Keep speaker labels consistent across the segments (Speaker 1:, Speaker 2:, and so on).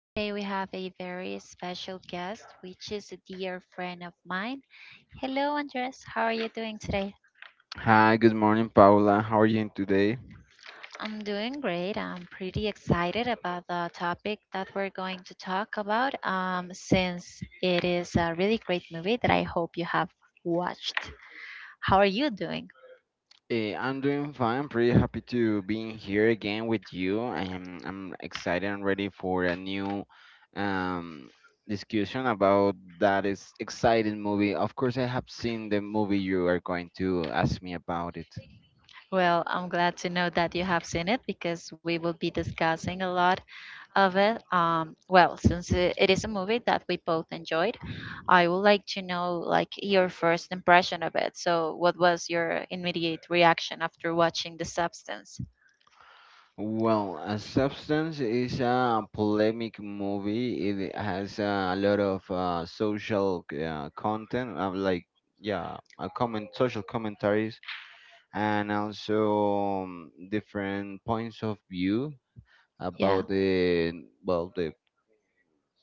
Speaker 1: Today we have a very special guest, which is a dear friend of mine. Hello, Andres. How are you doing today?
Speaker 2: Hi, good morning, Paula. How are you doing today?
Speaker 1: I'm doing great. I'm pretty excited about the topic that we're going to talk about, since it is a really great movie that I hope you have watched. How are you doing?
Speaker 2: I'm doing fine. I'm pretty happy to being here again with you. I'm excited and ready for a new um discussion about that is exciting movie. Of course, I have seen the movie you are going to ask me about it.
Speaker 1: Well, I'm glad to know that you have seen it because we will be discussing a lot of it. Well, since it is a movie that we both enjoyed, I would like to know like your first impression of it. So, what was your immediate reaction after watching The Substance?
Speaker 2: Well, a Substance is a polemic movie. It has a lot of social content, like, yeah, a comment, social commentaries, and also different points of view
Speaker 1: Yeah,
Speaker 2: about the well the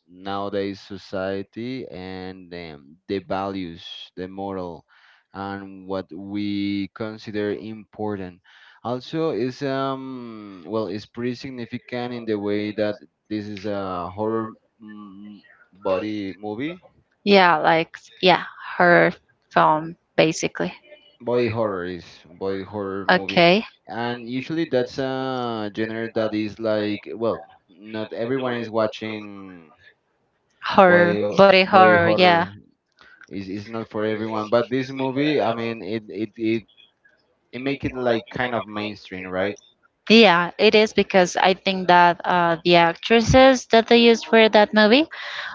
Speaker 2: nowadays society, and the values, the moral, and what we consider important. Also, it's pretty significant in the way that this is a horror mm, body movie.
Speaker 1: yeah, Like yeah, horror film basically.
Speaker 2: Body horror movie,
Speaker 1: Okay,
Speaker 2: and usually that's a genre that is like, well, not everyone is watching
Speaker 1: horror, body
Speaker 2: body
Speaker 1: horror. Yeah,
Speaker 2: horror. Is not for everyone, but this movie, I mean, it make it like kind of mainstream, right?
Speaker 1: yeah, it is because I think that the actresses that they used for that movie,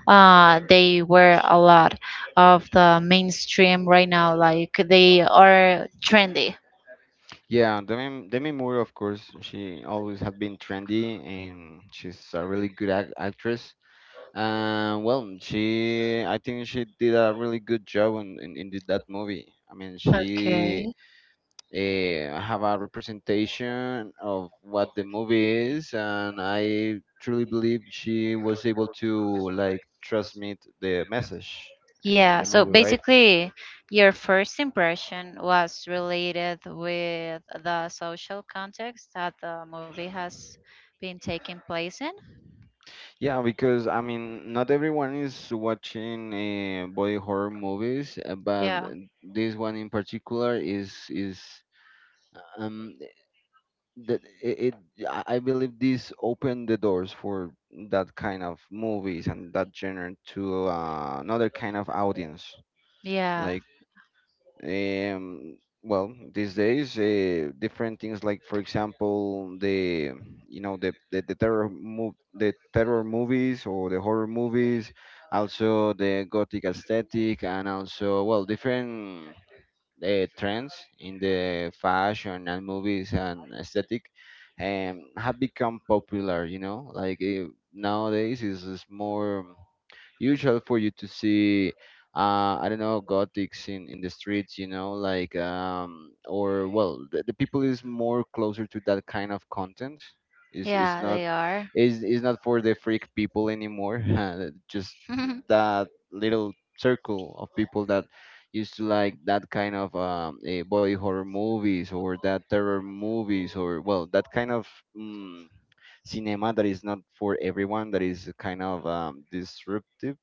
Speaker 1: they were a lot of the mainstream right now. Like they are trendy.
Speaker 2: Yeah, Demi Moore, of course, she always had been trendy, and she's a really good ac actress. Well, she, I think she did a really good job that movie. I mean, she have a representation of what the movie is, and I truly believe she was able to like transmit the message in the, in
Speaker 1: Yeah,
Speaker 2: the
Speaker 1: so
Speaker 2: movie, right?
Speaker 1: basically, your first impression was related with the social context that the movie has been taking place in.
Speaker 2: Yeah, because I mean, not everyone is watching body horror movies, but
Speaker 1: Yeah,
Speaker 2: this one in particular is. um. That it, it I believe this opened the doors for that kind of movies and that genre to another kind of audience.
Speaker 1: yeah,
Speaker 2: Like, well, these days, different things, like for example the you know the terror mov- the terror movies, or the horror movies, also the gothic aesthetic, and also, well, different trends in the fashion and movies and aesthetic have become popular. Like, nowadays is more usual for you to see. I don't know, gothics in the streets, like, or well, the people is more closer to that kind of content. Is is
Speaker 1: yeah,
Speaker 2: not
Speaker 1: they are.
Speaker 2: is not for the freak people anymore. Just that little circle of people that used to like that kind of body horror movies, or that terror movies, or, well, that kind of mm, cinema that is not for everyone, that is kind of disruptive,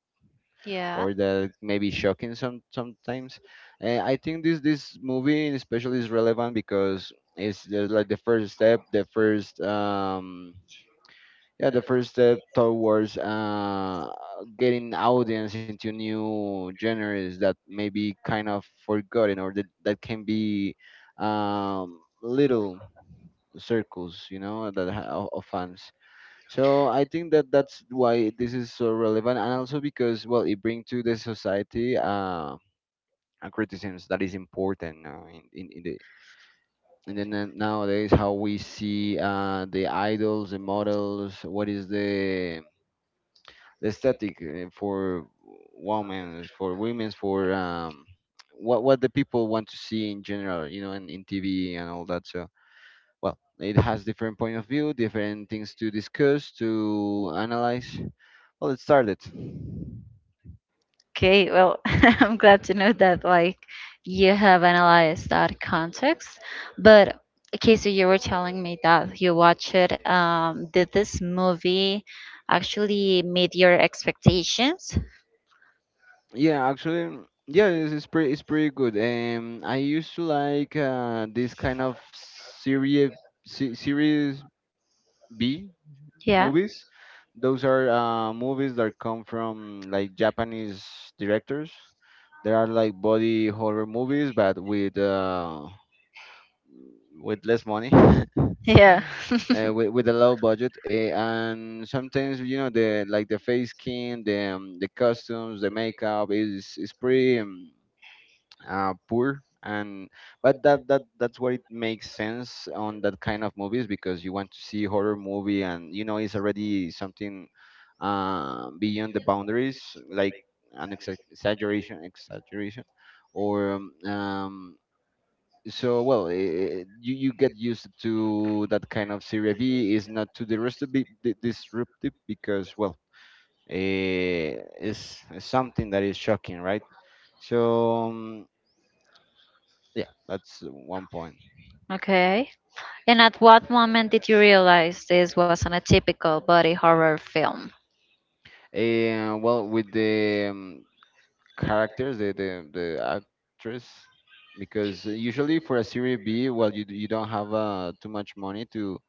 Speaker 1: Yeah.
Speaker 2: or that maybe shocking sometimes. I think this movie especially is relevant because it's like the first step, the first yeah the first step towards getting audience into new genres that may be kind of forgotten, or that can be little circles, you know that ha- of fans. So I think that that's why this is so relevant, and also because, well, it brings to the society a criticism that is important, in the and then nowadays, how we see the idols, the models, what is the static for for women's, for what the people want to see in general, you know, and in TV and all that. So, well, it has different point of view, different things to discuss, to analyze. Well, it started.
Speaker 1: Okay, well, I'm glad to know that like you have analyzed that context. But okay, so you were telling me that you watched it. Did this movie actually meet your expectations?
Speaker 2: Yeah, actually, yeah, it's pretty good. I used to like this kind of series se series B
Speaker 1: Yeah.
Speaker 2: movies. Those are movies that come from, like, Japanese directors. There are like body horror movies, but with less money.
Speaker 1: Yeah.
Speaker 2: With a low budget, and sometimes, the face skin, the costumes, the makeup is pretty, poor, and but that's where it makes sense on that kind of movies, because you want to see horror movie, and it's already something beyond the boundaries, like an exaggeration or, so well, you get used to that kind of series B, is not too disruptive because, well, uh, it's something that is shocking, right? So, yeah, that's one point.
Speaker 1: Okay. And at what moment did you realize this was not a typical body horror film?
Speaker 2: And, well, with the, characters, the actress, because usually for a series B, well, you don't have too much money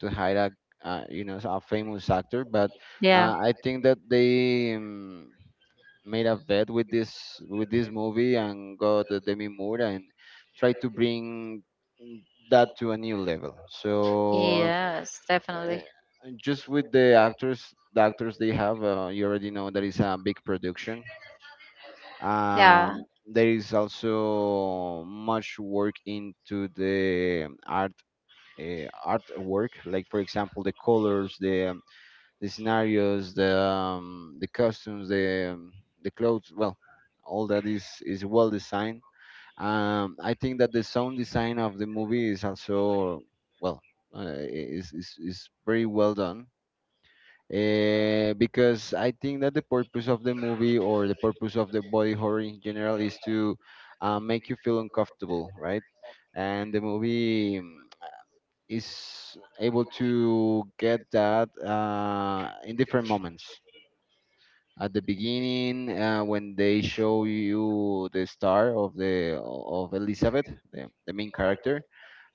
Speaker 2: to hire a you know a famous actor, but
Speaker 1: Yeah.
Speaker 2: I think that they, made a bet with this movie and got the Demi Moore, and tried to bring that to a new level. So
Speaker 1: Yes,
Speaker 2: uh,
Speaker 1: definitely.
Speaker 2: just with the actors they have, you already know that it's a big production.
Speaker 1: Yeah,
Speaker 2: There is also much work into the artwork, like for example the colors, the scenarios, the costumes, the clothes, well, all that is well designed. I think that the sound design of the movie is also, well, is very well done, because I think that the purpose of the movie, or the purpose of the body horror in general, is to make you feel uncomfortable, right? And the movie is able to get that in different moments. At the beginning, when they show you the star of the of Elizabeth, the main character,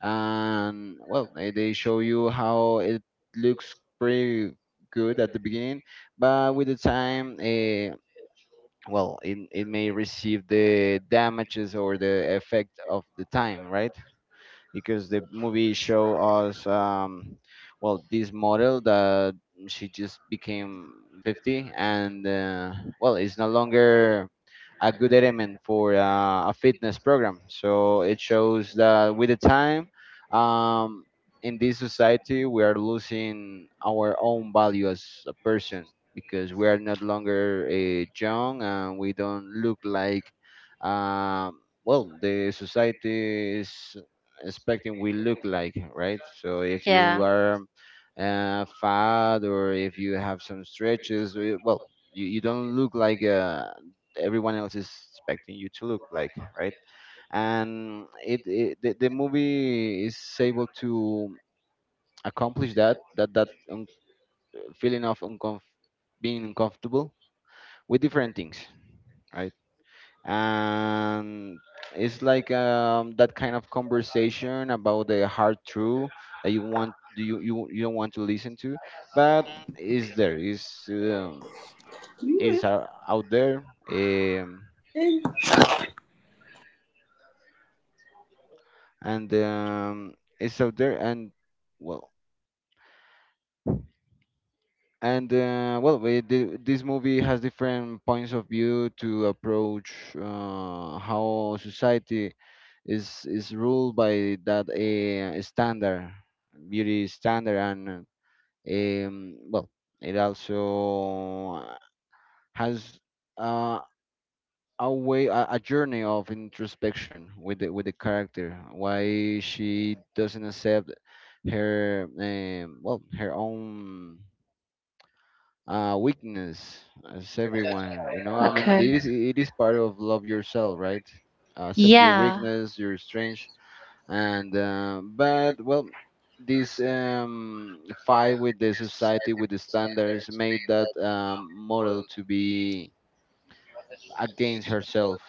Speaker 2: and, well, they show you how it looks pretty good at the beginning, but with the time, well, it may receive the damages or the effect of the time, right? Because the movie show us, well, this model that she just became 50, and well, it's no longer a good element for a fitness program. So it shows that with the time, um, in this society we are losing our own value as a person, because we are not longer young, and we don't look like, well, the society is expecting we look like, right? So if you
Speaker 1: yeah.
Speaker 2: are fat, or if you have some stretches, well, you don't look like, everyone else is expecting you to look like, right? And the movie is able to accomplish that feeling of being uncomfortable with different things, right? And it's like, that kind of conversation about the hard truth that you want do you, you you don't want to listen to, but is there is um, is out there, um, and, it's out there, and, well, and well, this movie has different points of view to approach how society is ruled by that standard beauty standard, and well, it also has uh, a journey of introspection with the character, why she doesn't accept her, well, her own weakness, as everyone, I mean,
Speaker 1: Okay.
Speaker 2: it is part of love yourself, right? Accept your
Speaker 1: Yeah.
Speaker 2: weakness, your strength. And but, well, this, fight with the society, with the standards, made that, model to be against herself.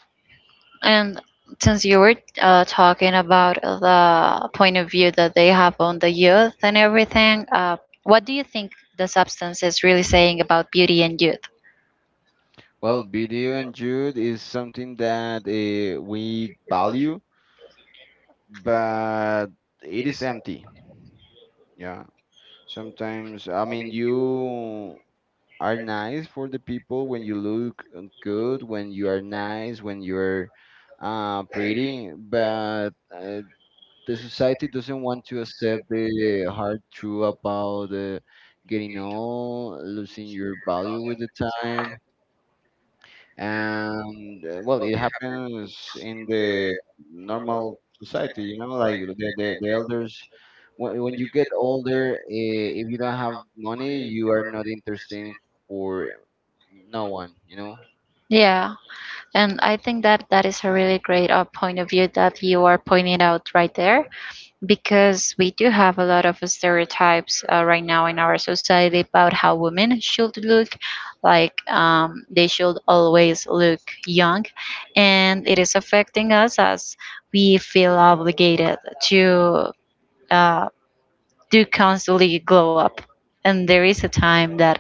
Speaker 1: And since you were talking about the point of view that they have on the youth and everything, what do you think the substance is really saying about beauty and youth?
Speaker 2: Well, video and jude is something that we value, but it is empty. Yeah, sometimes, I mean, you are nice for the people when you look good, when you are nice, when you're pretty. But the society doesn't want to accept the hard truth about getting old, losing your value with the time. And well, it happens in the normal society. You know, like the elders. When you get older, if you don't have money, you are not interesting for no one. You know.
Speaker 1: Yeah, and I think that that is a really great point of view that you are pointing out right there. Because we do have a lot of stereotypes right now in our society about how women should look like, they should always look young, and it is affecting us as we feel obligated to uh, do constantly glow up, and there is a time that,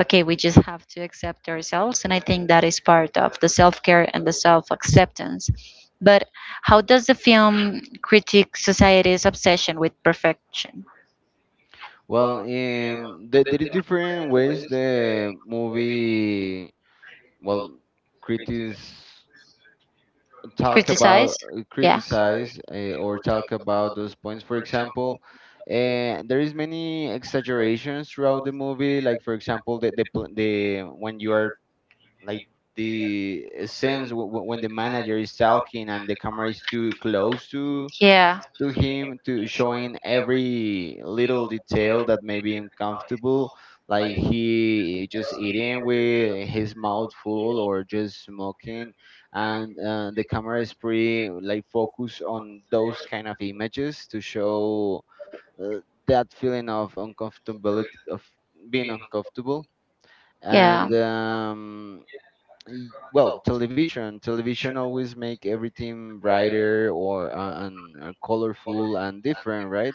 Speaker 1: okay, we just have to accept ourselves. And I think that is part of the self care and the self acceptance. But how does the film critique society's obsession with perfection?
Speaker 2: There is different ways the movie, well, critics talk
Speaker 1: Criticize?
Speaker 2: about,
Speaker 1: Yeah.
Speaker 2: criticize, or talk about those points, for example. And there is many exaggerations throughout the movie, like for example the when you are, like, the sense when the manager is talking, and the camera is too close to
Speaker 1: Yeah.
Speaker 2: to him to showing every little detail that may be uncomfortable, like he just eating with his mouth full or just smoking. And the camera is pretty like focused on those kind of images to show uh, that feeling of uncomfortability, of being uncomfortable.
Speaker 1: Yeah.
Speaker 2: And, well, television always make everything brighter, or and colorful and different, right?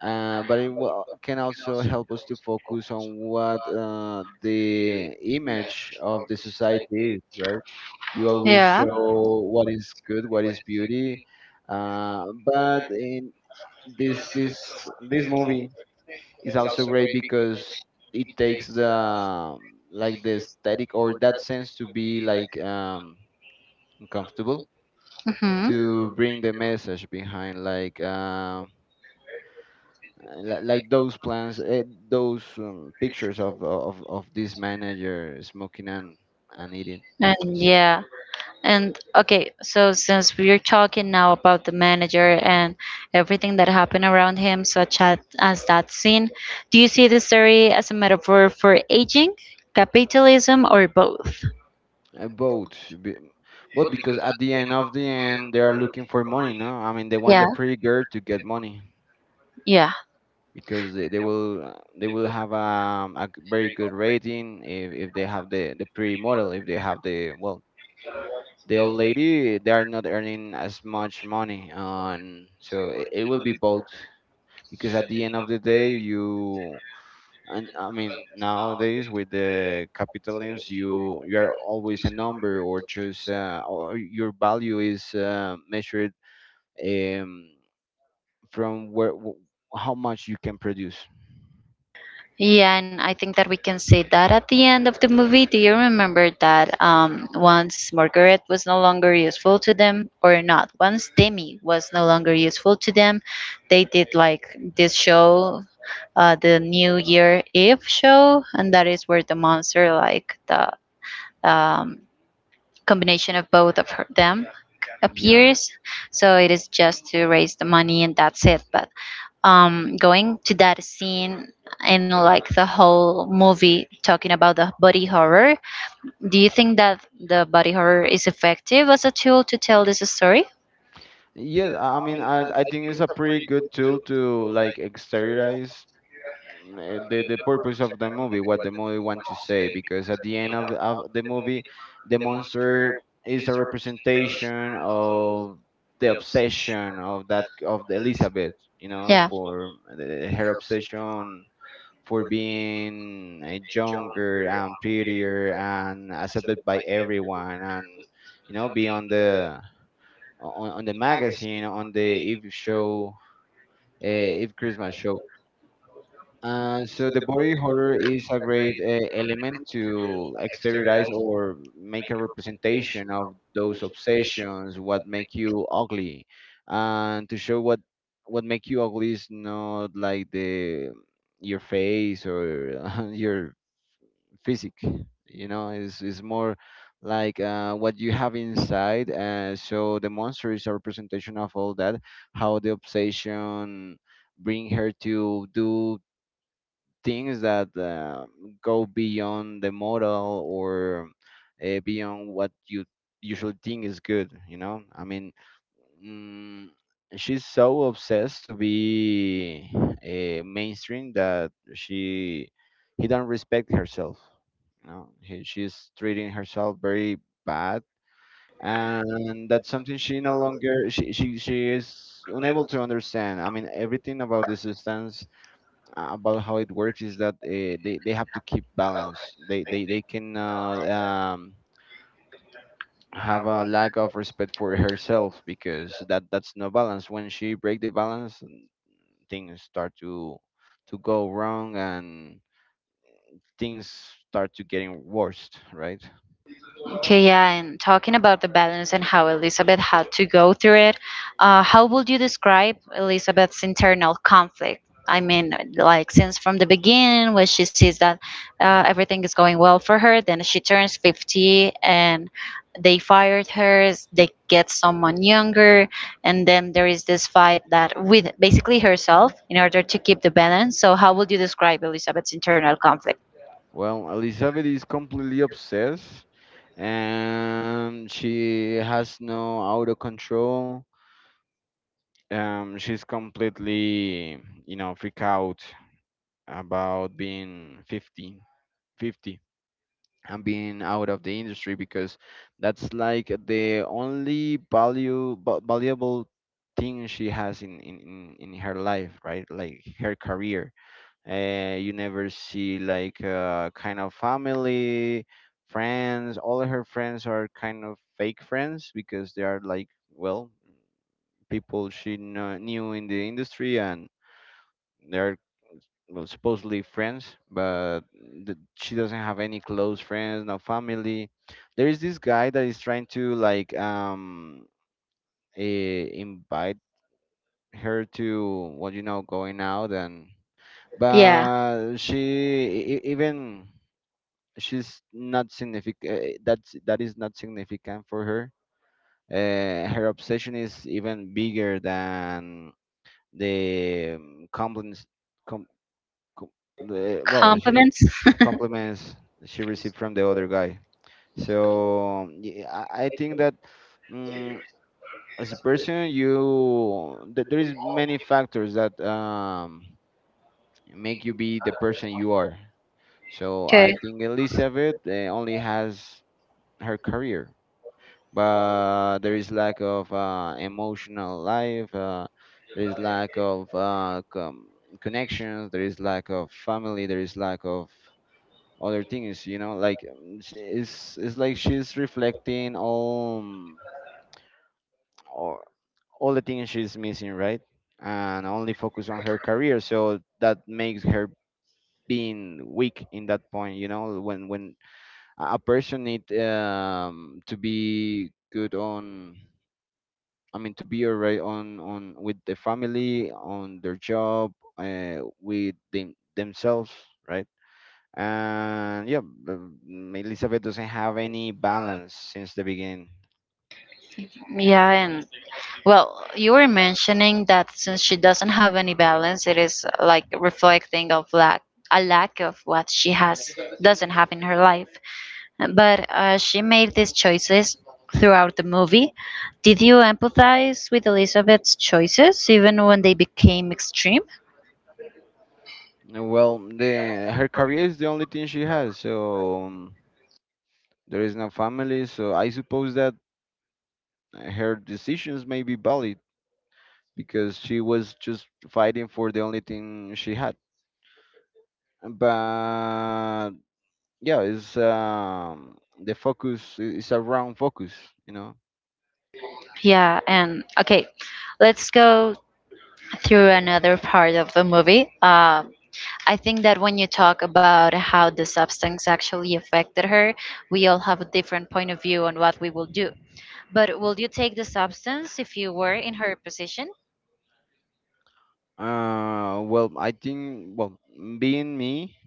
Speaker 2: But it will, can also help us to focus on what the image of the society is, right? You always
Speaker 1: Yeah.
Speaker 2: show what is good, what is beauty. But in this movie is also great because it takes the like the aesthetic or that sense to be like, and comfortable,
Speaker 1: Hmm.
Speaker 2: to bring the message behind, like, like those plans, those pictures of this manager smoking and eating.
Speaker 1: And
Speaker 2: So,
Speaker 1: yeah. And okay, so since we're talking now about the manager and everything that happened around him, such as that scene, do you see the story as a metaphor for aging, capitalism, or both?
Speaker 2: both. Be- but because at the end of the end they are looking for money. No, I mean they want the
Speaker 1: Yeah,
Speaker 2: pretty girl to get money,
Speaker 1: yeah,
Speaker 2: because they will have a very good rating if they have the pretty model. If they have the, well, the old lady, they are not earning as much money, and so it will be both. Because at the end of the day you... And I mean, nowadays with the capitalism, you are always a number, or just or your value is measured, um, from how much you can produce.
Speaker 1: yeah. And I think that we can say that at the end of the movie. Do you remember that, once Margaret was no longer useful to them, or not? Once Demi was no longer useful to them, they did like this show, the New Year Eve show, and that is where the monster, like the, um, combination of both of her, them,
Speaker 2: Yeah,
Speaker 1: appears. So it is just to raise the money, and that's it. But going to that scene, in like the whole movie talking about the body horror, do you think that the body horror is effective as a tool to tell this story?
Speaker 2: yeah, I mean, I think it's a pretty good tool to, like, exteriorize the purpose of the movie, what the movie wants to say, because at the end of the movie, the monster is a representation of the obsession of that, of the Elizabeth, you know,
Speaker 1: Yeah.
Speaker 2: for her obsession for being younger and prettier and accepted by everyone, and, you know, be on the magazine, on the Eve show, Eve Christmas show. So the body horror is a great element to exteriorize or make a representation of those obsessions, what make you ugly, and to show what make you ugly is not like the your face or your physique. You know, it's more like what you have inside. So the monster is a representation of all that, how the obsession bring her to do things that go beyond the model, or beyond what you usually think is good, you know, I mean, mm, she's so obsessed to be mainstream that she he don't respect herself. You know, she's treating herself very bad. And that's something she no longer she is unable to understand. I mean, everything about the system, about how it works is that they have to keep balance. They cannot have a lack of respect for herself, because that's no balance. When she break the balance, things start to go wrong, and things start to getting worse. Right.
Speaker 1: Okay, yeah, and talking about the balance and how Elizabeth had to go through it, how would you describe Elizabeth's internal conflict? I mean, like since from the beginning, when she sees that, everything is going well for her, then she turns 50 and they fired her, they get someone younger, and then there is this fight that with basically herself in order to keep the balance. So, how would you describe Elizabeth's internal conflict?
Speaker 2: Well, Elizabeth is completely obsessed, and she has no auto control. She's completely, you know, freak out about being 50, 50, and being out of the industry, because that's like the only valuable thing she has in her life, right, like her career. You never see like kind of family, friends. All her friends are kind of fake friends because they are, like, well, people knew in the industry, and they're, well, supposedly friends, but she doesn't have any close friends, no family. There is this guy that is trying to, like, invite her to what, you know, going out. And
Speaker 1: Yeah,
Speaker 2: but even she's not significant. That is not significant for her. Her obsession is even bigger than the compliments com, com, the, well she,
Speaker 1: compliments.
Speaker 2: compliments she received from the other guy. So, yeah, I think that, um, as a person, there is many factors that make you be the person you are. So I think Elizabeth only has her career, but there is lack of emotional life. There is lack of connections. There is lack of family. There is lack of other thing. Is, you know, like, it's like she's reflecting all, all all the things she's missing, right, and only focus on her career, so that makes her being weak in that point, you know, when a person need to be good on, I mean, to be alright on with the family, on their job, with themselves, right. And, yeah, Elizabeth doesn't have any balance since the beginning.
Speaker 1: Yeah, and well, you were mentioning that since she doesn't have any balance, it is like reflecting of lack a lack of what she has doesn't have in her life. But she made these choices throughout the movie. Did you empathize with Elizabeth's choices even when they became extreme?
Speaker 2: Well, the her career is the only thing she has, so, there is no family. So I suppose that her decisions may be valid because she was just fighting for the only thing she had. But, yeah, it's, the is a wrong focus, you know.
Speaker 1: Yeah, and okay, let's go through another part of the movie. I think that when you talk about how the substance actually affected her, we all have a different point of view on what we will do. But will you take the substance if you were in her position?
Speaker 2: Well, I think, well, being me.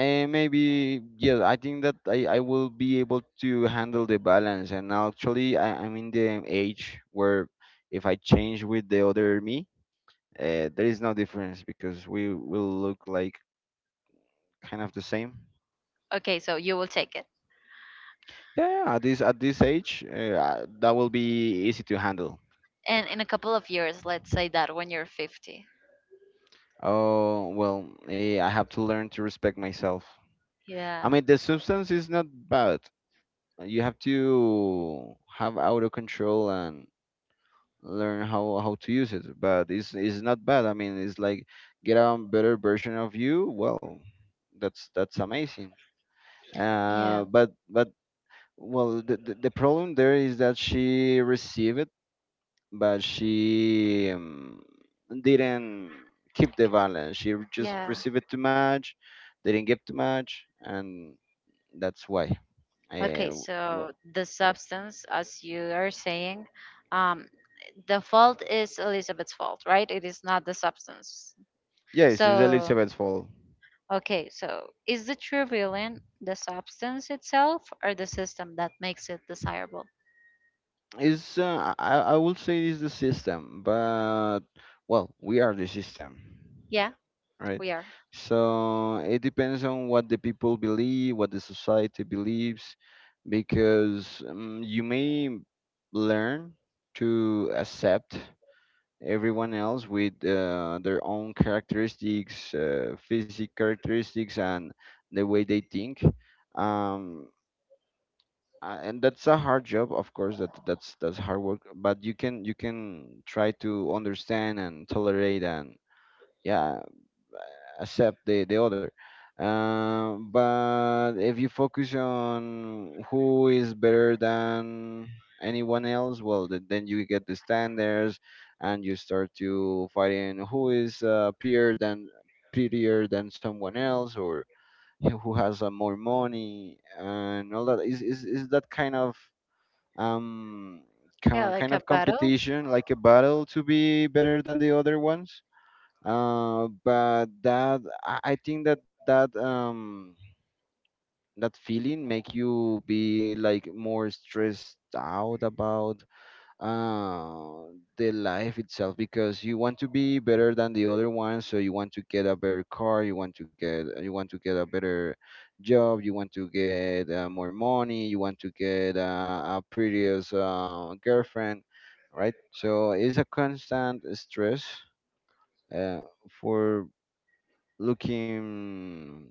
Speaker 2: Maybe yes. I think that I will be able to handle the balance, and actually I'm in the age where if I change with the other me, there is no difference because we will look like kind of the same.
Speaker 1: Okay, so you will take it.
Speaker 2: Yeah, yeah, at this age, that will be easy to handle.
Speaker 1: And in a couple of years, let's say that when you're 50.
Speaker 2: Oh, well, I have to learn to respect myself.
Speaker 1: Yeah.
Speaker 2: I mean, the substance is not bad. You have to have auto control and learn how to use it, but it's not bad. I mean, it's like get a better version of you. Well, that's amazing.
Speaker 1: Yeah.
Speaker 2: But well, the problem there is that she received it, but she didn't keep the balance. She just
Speaker 1: Yeah.
Speaker 2: received it too much, didn't give too much, and that's why
Speaker 1: Okay,
Speaker 2: uh,
Speaker 1: so
Speaker 2: well,
Speaker 1: the substance, as you are saying, um, the fault is Elizabeth's fault, right? It is not the substance.
Speaker 2: yes, it's
Speaker 1: So,
Speaker 2: Elizabeth's fault.
Speaker 1: okay, so is the true villain the substance itself or the system that makes it desirable?
Speaker 2: Is I would say is the system, but, well, we are the system,
Speaker 1: Yeah,
Speaker 2: right?
Speaker 1: we are.
Speaker 2: So it depends on what the people believe, what the society believes, because you may learn to accept everyone else with their own characteristics, physical characteristics, and the way they think. Um, and that's a hard job, of course, that's hard work, but you can try to understand and tolerate and, yeah, accept the other. But if you focus on who is better than anyone else, well, then you get the standards, and you start to fighting who is prettier than someone else, or who has more money, and all that is that kind of, um,
Speaker 1: Yeah, like
Speaker 2: kind
Speaker 1: a
Speaker 2: of
Speaker 1: battle.
Speaker 2: competition, like a battle to be better than the other ones. But that I think that that feeling make you be, like, more stressed out about uh, the life itself, because you want to be better than the other one, so you want to get a better car, you want to get a better job, you want to get more money, you want to get a prettiest girlfriend, right? So it's a constant stress uh, for looking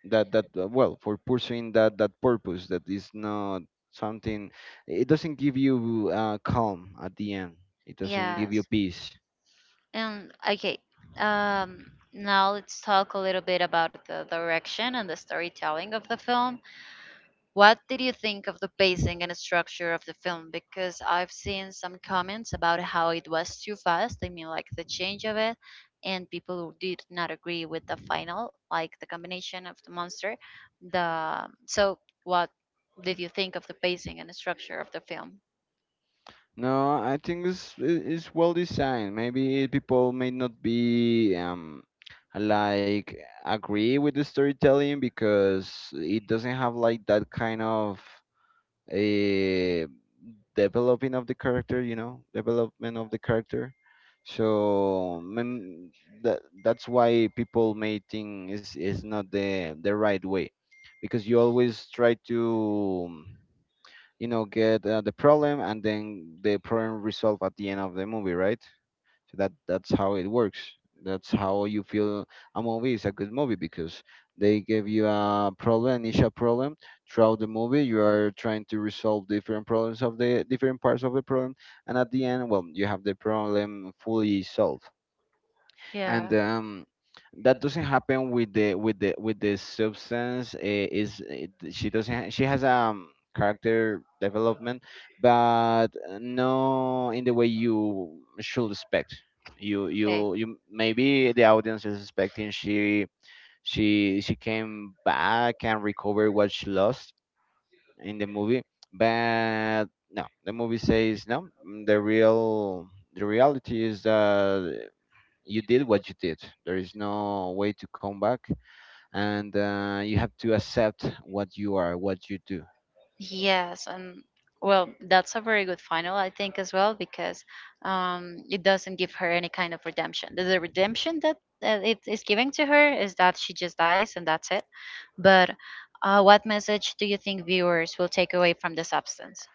Speaker 2: that that well for pursuing that purpose that is not something, it doesn't give you calm at the end. It doesn't give you
Speaker 1: Yes.
Speaker 2: peace.
Speaker 1: And okay, um, now let's talk a little bit about the direction and the storytelling of the film. What did you think of the pacing and structure of the film? Because I've seen some comments about how it was too fast. I mean, like the change of it, and people did not agree with the final, like the combination of the monster. The so, what did you think of the pacing and structure of the film?
Speaker 2: No, I think it's, it's well designed. Maybe people may not be like agree with the storytelling, because it doesn't have like that kind of uh, developing of the character, you know, development of the character. So, that's why people may think is not the right way, because you always try to, you know, get the problem, and then the problem resolved at the end of the movie, right? So that's how it works. That's how you feel a movie is a good movie, because they give you a problem, initial problem, throughout the movie. You are trying to resolve different problems of the different parts of the problem, and at the end, well, you have the problem fully solved,
Speaker 1: Yeah.
Speaker 2: and, that doesn't happen with the substance. Eh, is it, she doesn't ha- She has character development, but no in the way you should expect. You Maybe the audience is expecting she came back and recovered what she lost in the movie, but no, the movie says no. The reality is that you did what you did. There is no way to come back, and, you have to accept what you are, what you do.
Speaker 1: Yes, and well, that's a very good final, I think, as well, because, it doesn't give her any kind of redemption. The redemption that it is giving to her is that she just dies and that's it. But what message do you think viewers will take away from the substance?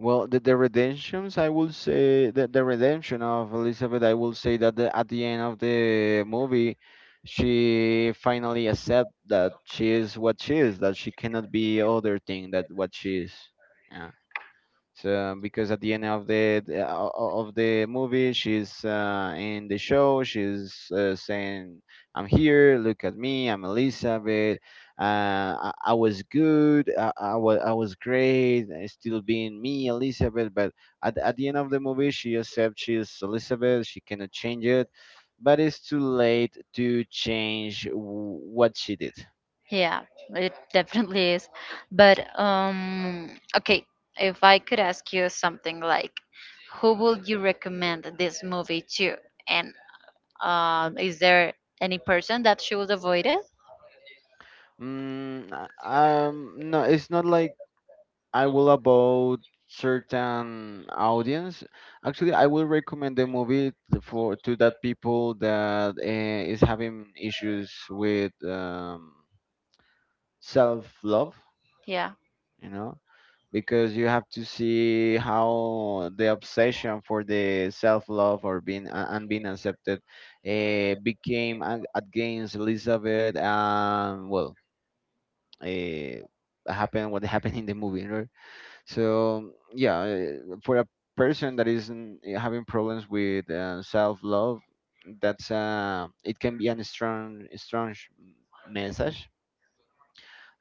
Speaker 2: Well, the redemptions, I will say that the redemption of Elizabeth, I will say that at the end of the movie, she finally accept that she is what she is, that she cannot be other thing that what she is. Yeah. So because at the end of the movie, she's in the show. She's saying, "I'm here. Look at me. I'm Elizabeth. I was good. I was great. Still being me, Elizabeth." But at the end of the movie, she accepts she's Elizabeth. She cannot change it, but it's too late to change what she did.
Speaker 1: Yeah, it definitely is. But okay, if I could ask you something like, who would you recommend this movie to? And is there any person that she would avoid it?
Speaker 2: No, it's not like I will about certain audience. Actually, I will recommend the movie t- for to that people that is having issues with self love.
Speaker 1: Yeah.
Speaker 2: You know, because you have to see how the obsession for the self love or being and being accepted against Elizabeth, and, well. Uh, happened what happened in the movie. So, yeah, for a person that isn't having problems with self-love, that's it can be a strong, strong message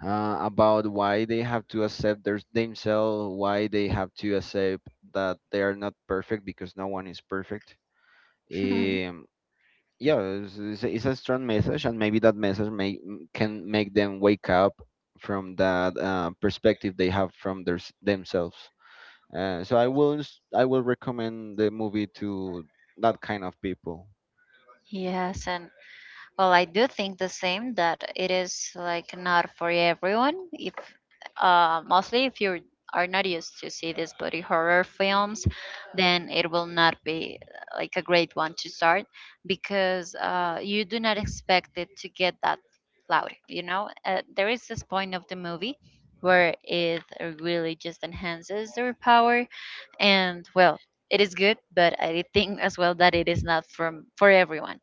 Speaker 2: about why they have to accept their themselves, why they have to accept that they are not perfect, because no one is perfect. Um, yeah, it's a strong message, and maybe that message can make them wake up from that perspective they have from themselves. I will recommend the movie to that kind of people.
Speaker 1: Yes, and well, I do think the same that it is like not for everyone. If mostly if you are not used to see these body horror films, then it will not be like a great one to start, because you do not expect it to get that loud. You know, there is this point of the movie where it really just enhances their power, and well, it is good, but I think as well that it is not from for everyone.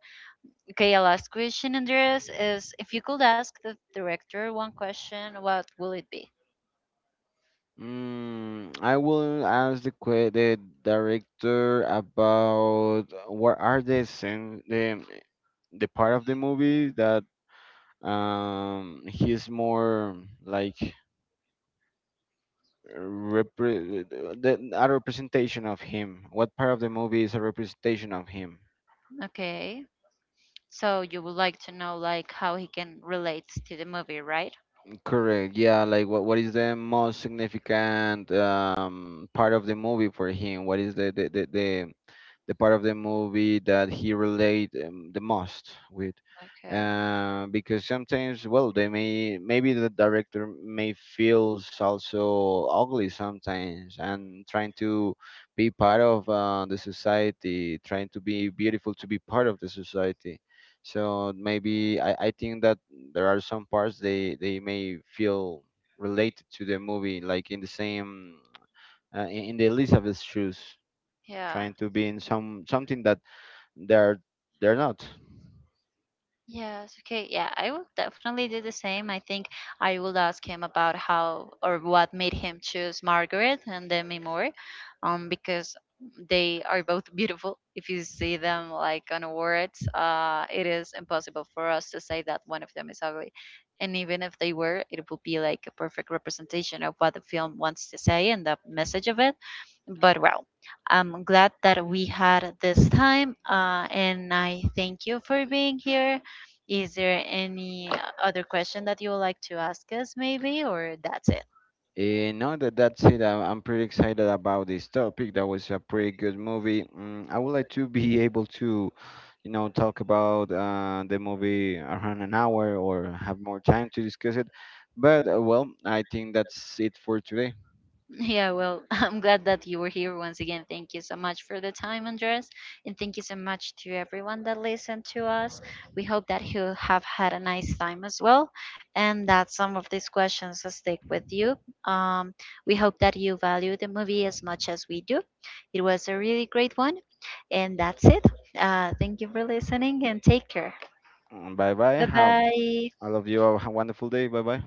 Speaker 1: Okay, our last question, Andreas, is if you could ask the director one question, what will it be?
Speaker 2: I will ask the director about what are the scene, the part of the movie that he's more, like, a representation of him. What part of the movie is a representation of him?
Speaker 1: Okay, so you would like to know like how he can relate to the movie, right?
Speaker 2: Correct. Yeah. Like, what is the most significant part of the movie for him? What is the part of the movie that he relate the most with.
Speaker 1: Okay.
Speaker 2: Because sometimes, well, they may maybe the director may feels also ugly sometimes, and trying to be part of the society, trying to be beautiful to be part of the society. So maybe I think that there are some parts they may feel related to the movie, like in the same, in the Elizabeth's shoes,
Speaker 1: Yeah.
Speaker 2: trying to be in something that they're they're not.
Speaker 1: Yes, okay. Yeah, I will definitely do the same. I think I will ask him about how or what made him choose Margaret and Demi Moore, because they are both beautiful. If you see them like on awards, it is impossible for us to say that one of them is ugly. And even if they were, it would be like a perfect representation of what the film wants to say and the message of it. But wow, I'm glad that we had this time, and I thank you for being here. Is there any other question that you would like to ask us, maybe, or that's it?
Speaker 2: Now that's it. I'm pretty excited about this topic. That was a pretty good movie. I would like to be able to, you know, talk about the movie around an hour, or have more time to discuss it. But, well, I think that's it for today.
Speaker 1: Yeah, well, I'm glad that you were here once again. Thank you so much for the time, Andres, and thank you so much to everyone that listened to us. We hope that you have had a nice time as well, and that some of these questions will stick with you. Um, we hope that you value the movie as much as we do. It was a really great one, and that's it. Thank you for listening, and take care.
Speaker 2: Bye bye.
Speaker 1: Bye
Speaker 2: Have
Speaker 1: bye.
Speaker 2: All of you have a wonderful day. Bye bye.